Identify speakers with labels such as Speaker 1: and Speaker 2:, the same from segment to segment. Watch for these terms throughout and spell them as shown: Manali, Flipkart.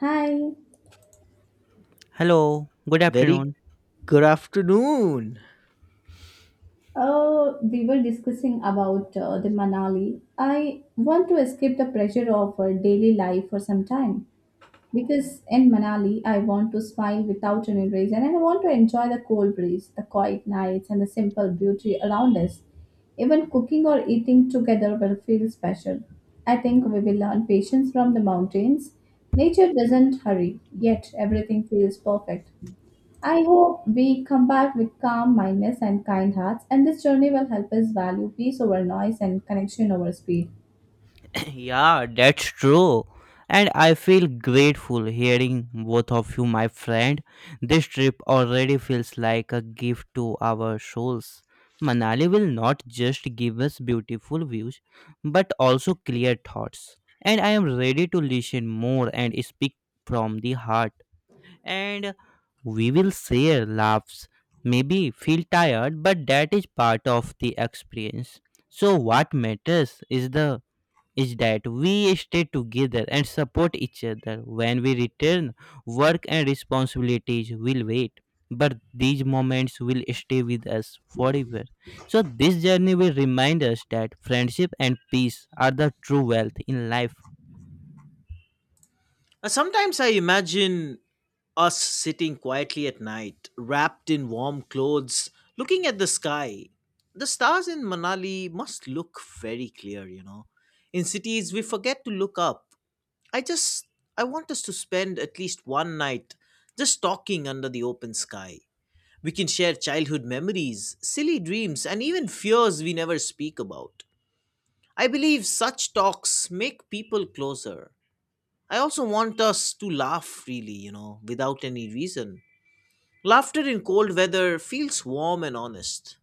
Speaker 1: Hi.
Speaker 2: Hello, good
Speaker 3: Very
Speaker 2: afternoon.
Speaker 3: good afternoon.
Speaker 1: We were discussing about the Manali. I want to escape the pressure of daily life for some time because in Manali, I want to smile without any reason and I want to enjoy the cold breeze, the quiet nights, and the simple beauty around us. Even cooking or eating together will feel special. I think we will learn patience from the mountains. Nature doesn't hurry, yet everything feels perfect. I hope we come back with calm mindness and kind hearts, and this journey will help us value peace over noise and connection over speed.
Speaker 2: Yeah, that's true. And I feel grateful hearing both of you, my friend. This trip already feels like a gift to our souls. Manali will not just give us beautiful views, but also clear thoughts. And I am ready to listen more and speak from the heart. And we will share laughs, maybe feel tired, but that is part of the experience. So what matters is that we stay together and support each other. When we return, work and responsibilities will wait, but these moments will stay with us forever. So this journey will remind us that friendship and peace are the true wealth in life.
Speaker 3: Sometimes I imagine us sitting quietly at night, wrapped in warm clothes, looking at the sky. The stars in Manali must look very clear, you know. In cities, we forget to look up. I just, I want us to spend at least one night just talking under the open sky. We can share childhood memories, silly dreams, and even fears we never speak about. I believe such talks make people closer. I also want us to laugh freely, without any reason. Laughter in cold weather feels warm and honest.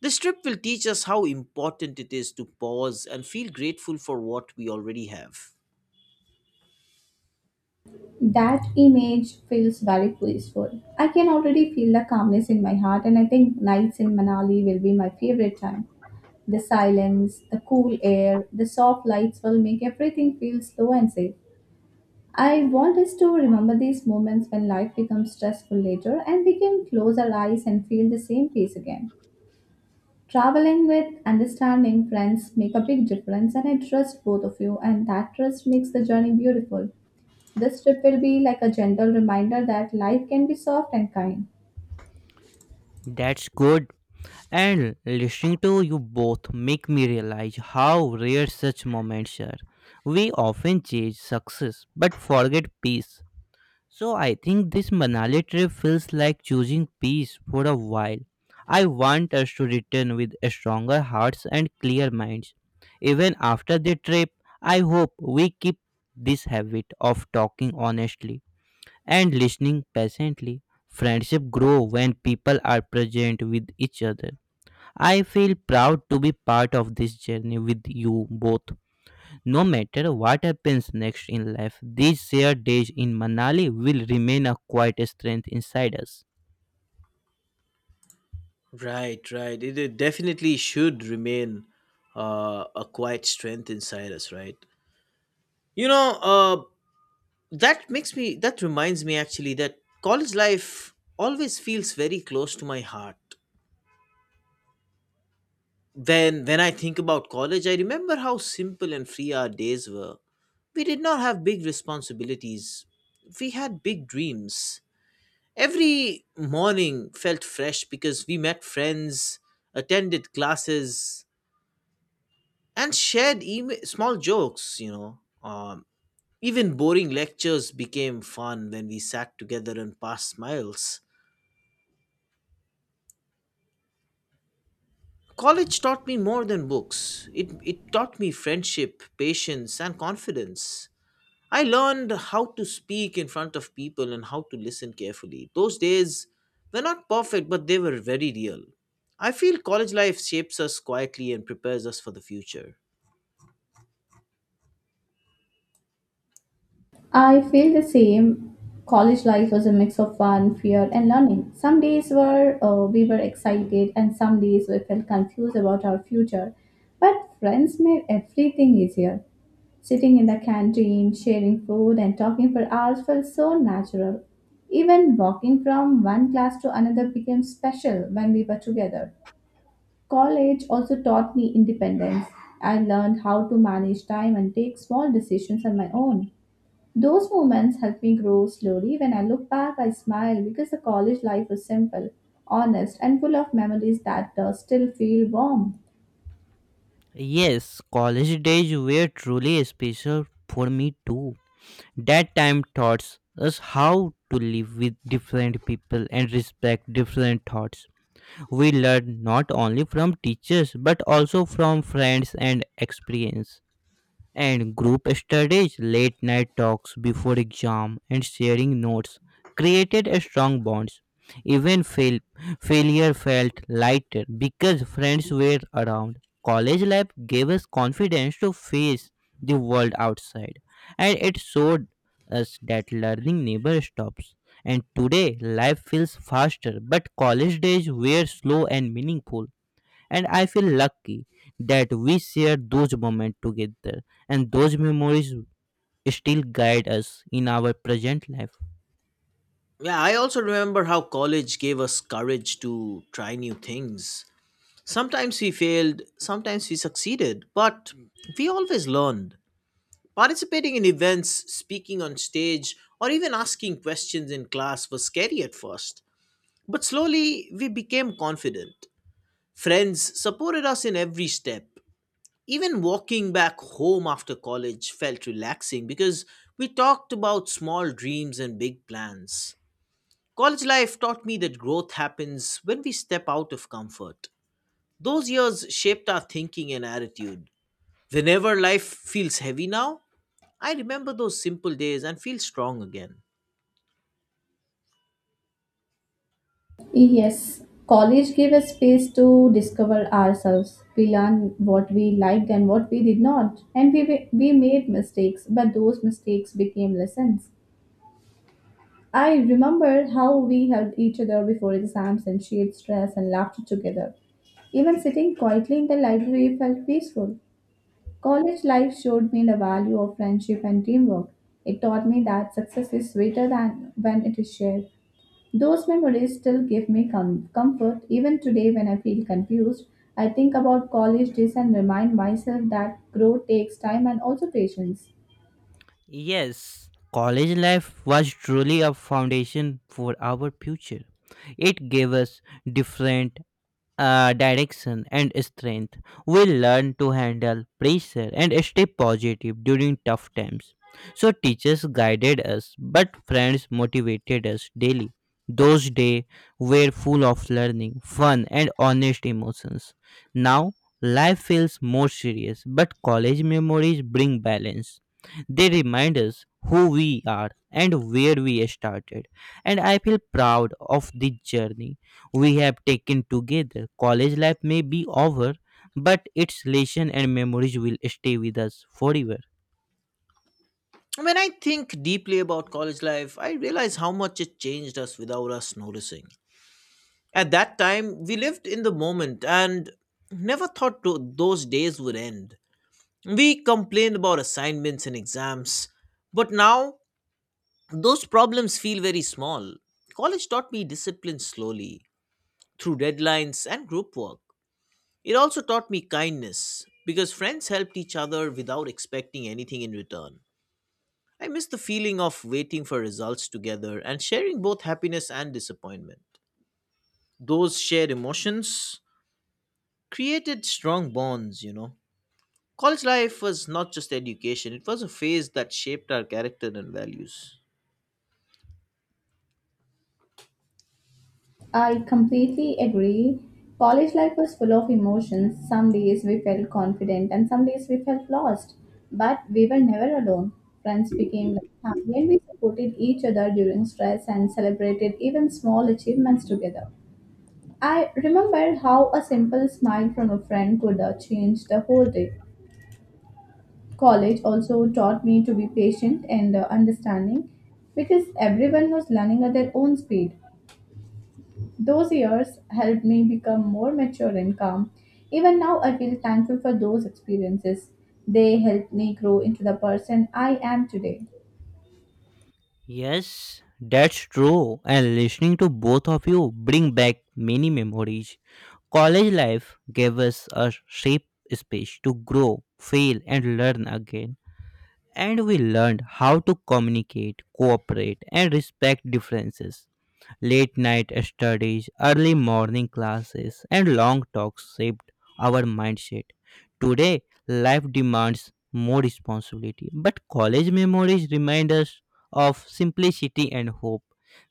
Speaker 3: This trip will teach us how important it is to pause and feel grateful for what we already have.
Speaker 1: That image feels very peaceful. I can already feel the calmness in my heart, and I think nights in Manali will be my favorite time. The silence, the cool air, the soft lights will make everything feel slow and safe. I want us to remember these moments when life becomes stressful later and we can close our eyes and feel the same peace again. Traveling with understanding friends make a big difference and I trust both of you and that trust makes the journey beautiful. This trip will be like a gentle reminder that life can be soft and kind.
Speaker 2: That's good. And listening to you both make me realize how rare such moments are. We often chase success but forget peace. So I think this Manali trip feels like choosing peace for a while. I want us to return with stronger hearts and clear minds. Even after the trip, I hope we keep this habit of talking honestly and listening patiently. Friendship grow when people are present with each other. I feel proud to be part of this journey with you both. No matter what happens next in life, these shared days in Manali will remain a quiet strength inside us.
Speaker 3: Right, right. It definitely should remain a quiet strength inside us, right? You know, uh, that reminds me actually that college life always feels very close to my heart. Then, when I think about college, I remember how simple and free our days were. We did not have big responsibilities, we had big dreams. Every morning felt fresh because we met friends, attended classes, and shared small jokes, you know. Even boring lectures became fun when we sat together and passed smiles. College taught me more than books. It taught me friendship, patience, and confidence. I learned how to speak in front of people and how to listen carefully. Those days were not perfect, but they were very real. I feel college life shapes us quietly and prepares us for the future.
Speaker 1: I feel the same. College life was a mix of fun, fear, and learning. Some days were we were excited, and some days we felt confused about our future. But friends made everything easier. Sitting in the canteen, sharing food, and talking for hours felt so natural. Even walking from one class to another became special when we were together. College also taught me independence. I learned how to manage time and take small decisions on my own. Those moments help me grow slowly. When I look back, I smile because the college life was simple, honest, and full of memories that still feel warm.
Speaker 2: Yes, college days were truly special for me too. That time taught us how to live with different people and respect different thoughts. We learned not only from teachers but also from friends and experience. And group studies, late night talks before exam, and sharing notes created a strong bonds. Even failure felt lighter because friends were around. College life gave us confidence to face the world outside, and it showed us that learning never stops. And today, life feels faster, but college days were slow and meaningful, and I feel lucky that we shared those moments together, and those memories still guide us in our present life.
Speaker 3: Yeah, I also remember how college gave us courage to try new things. Sometimes we failed, sometimes we succeeded, but we always learned. Participating in events, speaking on stage, or even asking questions in class was scary at first, but slowly we became confident. Friends supported us in every step. Even walking back home after college felt relaxing because we talked about small dreams and big plans. College life taught me that growth happens when we step out of comfort. Those years shaped our thinking and attitude. Whenever life feels heavy now, I remember those simple days and feel strong again.
Speaker 1: Yes, college gave us space to discover ourselves. We learned what we liked and what we did not, and we made mistakes, but those mistakes became lessons. I remember how we helped each other before exams and shared stress and laughter together. Even sitting quietly in the library felt peaceful. College life showed me the value of friendship and teamwork. It taught me that success is sweeter than when it is shared. Those memories still give me comfort. Even today, when I feel confused, I think about college days and remind myself that growth takes time and also patience.
Speaker 2: Yes, college life was truly a foundation for our future. It gave us different direction and strength. We learn to handle pressure and stay positive during tough times. So teachers guided us, but friends motivated us daily. Those days were full of learning, fun, and honest emotions. Now, life feels more serious, but college memories bring balance. They remind us who we are and where we started, and I feel proud of this journey we have taken together. College life may be over, but its lesson and memories will stay with us forever.
Speaker 3: When I think deeply about college life, I realize how much it changed us without us noticing. At that time, we lived in the moment and never thought those days would end. We complained about assignments and exams, but now those problems feel very small. College taught me discipline slowly through deadlines and group work. It also taught me kindness because friends helped each other without expecting anything in return. I miss the feeling of waiting for results together and sharing both happiness and disappointment. Those shared emotions created strong bonds, you know. College life was not just education, it was a phase that shaped our character and values.
Speaker 1: I completely agree. College life was full of emotions. Some days we felt confident and some days we felt lost. But we were never alone. Friends became like family and we supported each other during stress and celebrated even small achievements together. I remembered how a simple smile from a friend could change the whole day. College also taught me to be patient and understanding because everyone was learning at their own speed. Those years helped me become more mature and calm. Even now, I feel thankful for those experiences. They helped me grow into the person I am today.
Speaker 2: Yes, that's true. And listening to both of you bring back many memories. College life gave us a safe space to grow, fail, and learn again. And we learned how to communicate, cooperate, and respect differences. Late night studies, early morning classes, and long talks shaped our mindset. Today, life demands more responsibility, but college memories remind us of simplicity and hope.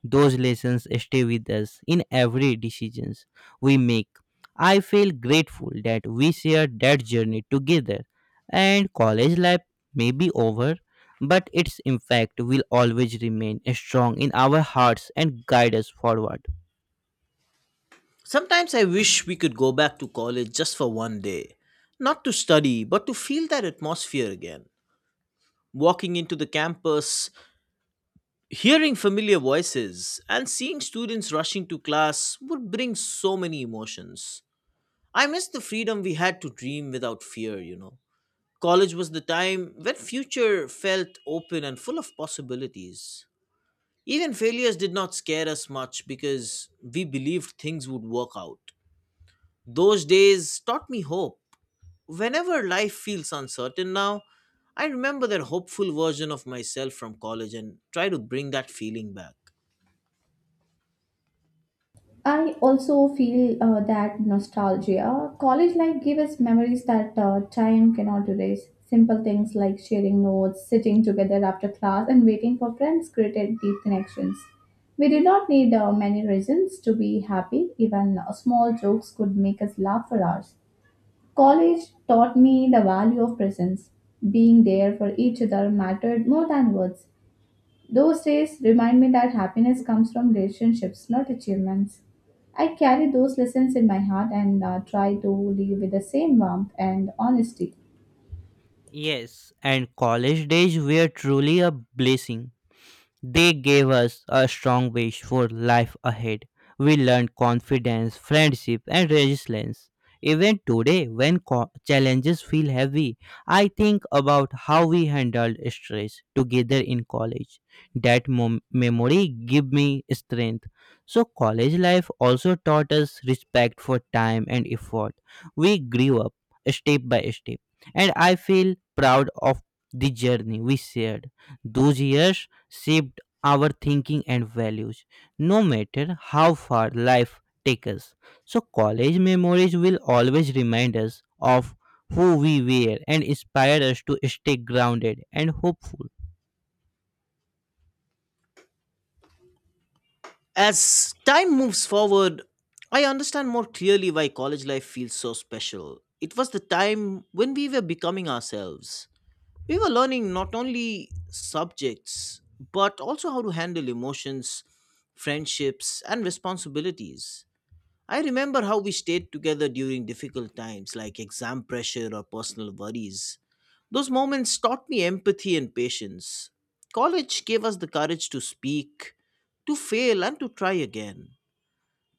Speaker 2: Those lessons stay with us in every decisions we make. I feel grateful that we shared that journey together, and college life may be over, but its impact will always remain strong in our hearts and guide us forward.
Speaker 3: Sometimes I wish we could go back to college just for one day, not to study, but to feel that atmosphere again. Walking into the campus, hearing familiar voices, and seeing students rushing to class would bring so many emotions. I miss the freedom we had to dream without fear, you know. College was the time when future felt open and full of possibilities. Even failures did not scare us much because we believed things would work out. Those days taught me hope. Whenever life feels uncertain now, I remember that hopeful version of myself from college and try to bring that feeling back.
Speaker 1: I also feel that nostalgia. College life gave us memories that time cannot erase. Simple things like sharing notes, sitting together after class, and waiting for friends created deep connections. We did not need many reasons to be happy. Even small jokes could make us laugh for hours. College taught me the value of presence. Being there for each other mattered more than words. Those days remind me that happiness comes from relationships, not achievements. I carry those lessons in my heart and try to live with the same warmth and honesty.
Speaker 2: Yes, and college days were truly a blessing. They gave us a strong wish for life ahead. We learned confidence, friendship, and resilience. Even today, when challenges feel heavy, I think about how we handled stress together in college. That memory give me strength. So, college life also taught us respect for time and effort. We grew up step by step, and I feel proud of the journey we shared. Those years shaped our thinking and values, no matter how far life takes us. So, college memories will always remind us of who we were and inspire us to stay grounded and hopeful.
Speaker 3: As time moves forward, I understand more clearly why college life feels so special. It was the time when we were becoming ourselves. We were learning not only subjects, but also how to handle emotions, friendships, and responsibilities. I remember how we stayed together during difficult times like exam pressure or personal worries. Those moments taught me empathy and patience. College gave us the courage to speak, to fail, and to try again.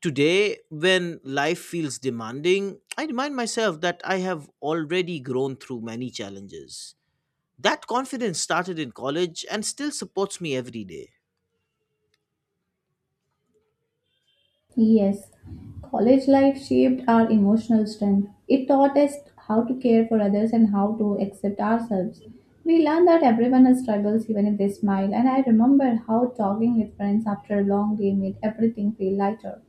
Speaker 3: Today, when life feels demanding, I remind myself that I have already grown through many challenges. That confidence started in college and still supports me every day.
Speaker 1: Yes, college life shaped our emotional strength. It taught us how to care for others and how to accept ourselves. We learned that everyone has struggles even if they smile, and I remember how talking with friends after a long day made everything feel lighter.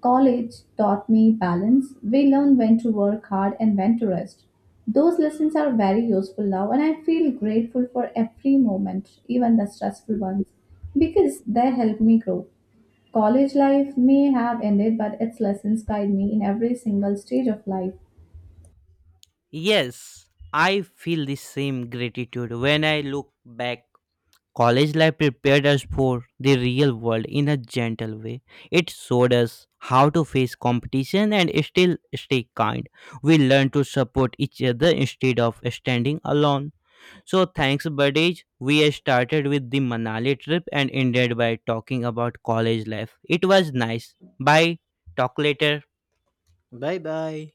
Speaker 1: College taught me balance. We learned when to work hard and when to rest. Those lessons are very useful now, and I feel grateful for every moment, even the stressful ones, because they help me grow. College life may have ended, but its lessons guide me in every single stage of life.
Speaker 2: Yes, I feel the same gratitude when I look back. College life prepared us for the real world in a gentle way. It showed us how to face competition and still stay kind. We learned to support each other instead of standing alone. So, thanks, Buddies. We started with the Manali trip and ended by talking about college life. It was nice. Bye. Talk later.
Speaker 3: Bye bye.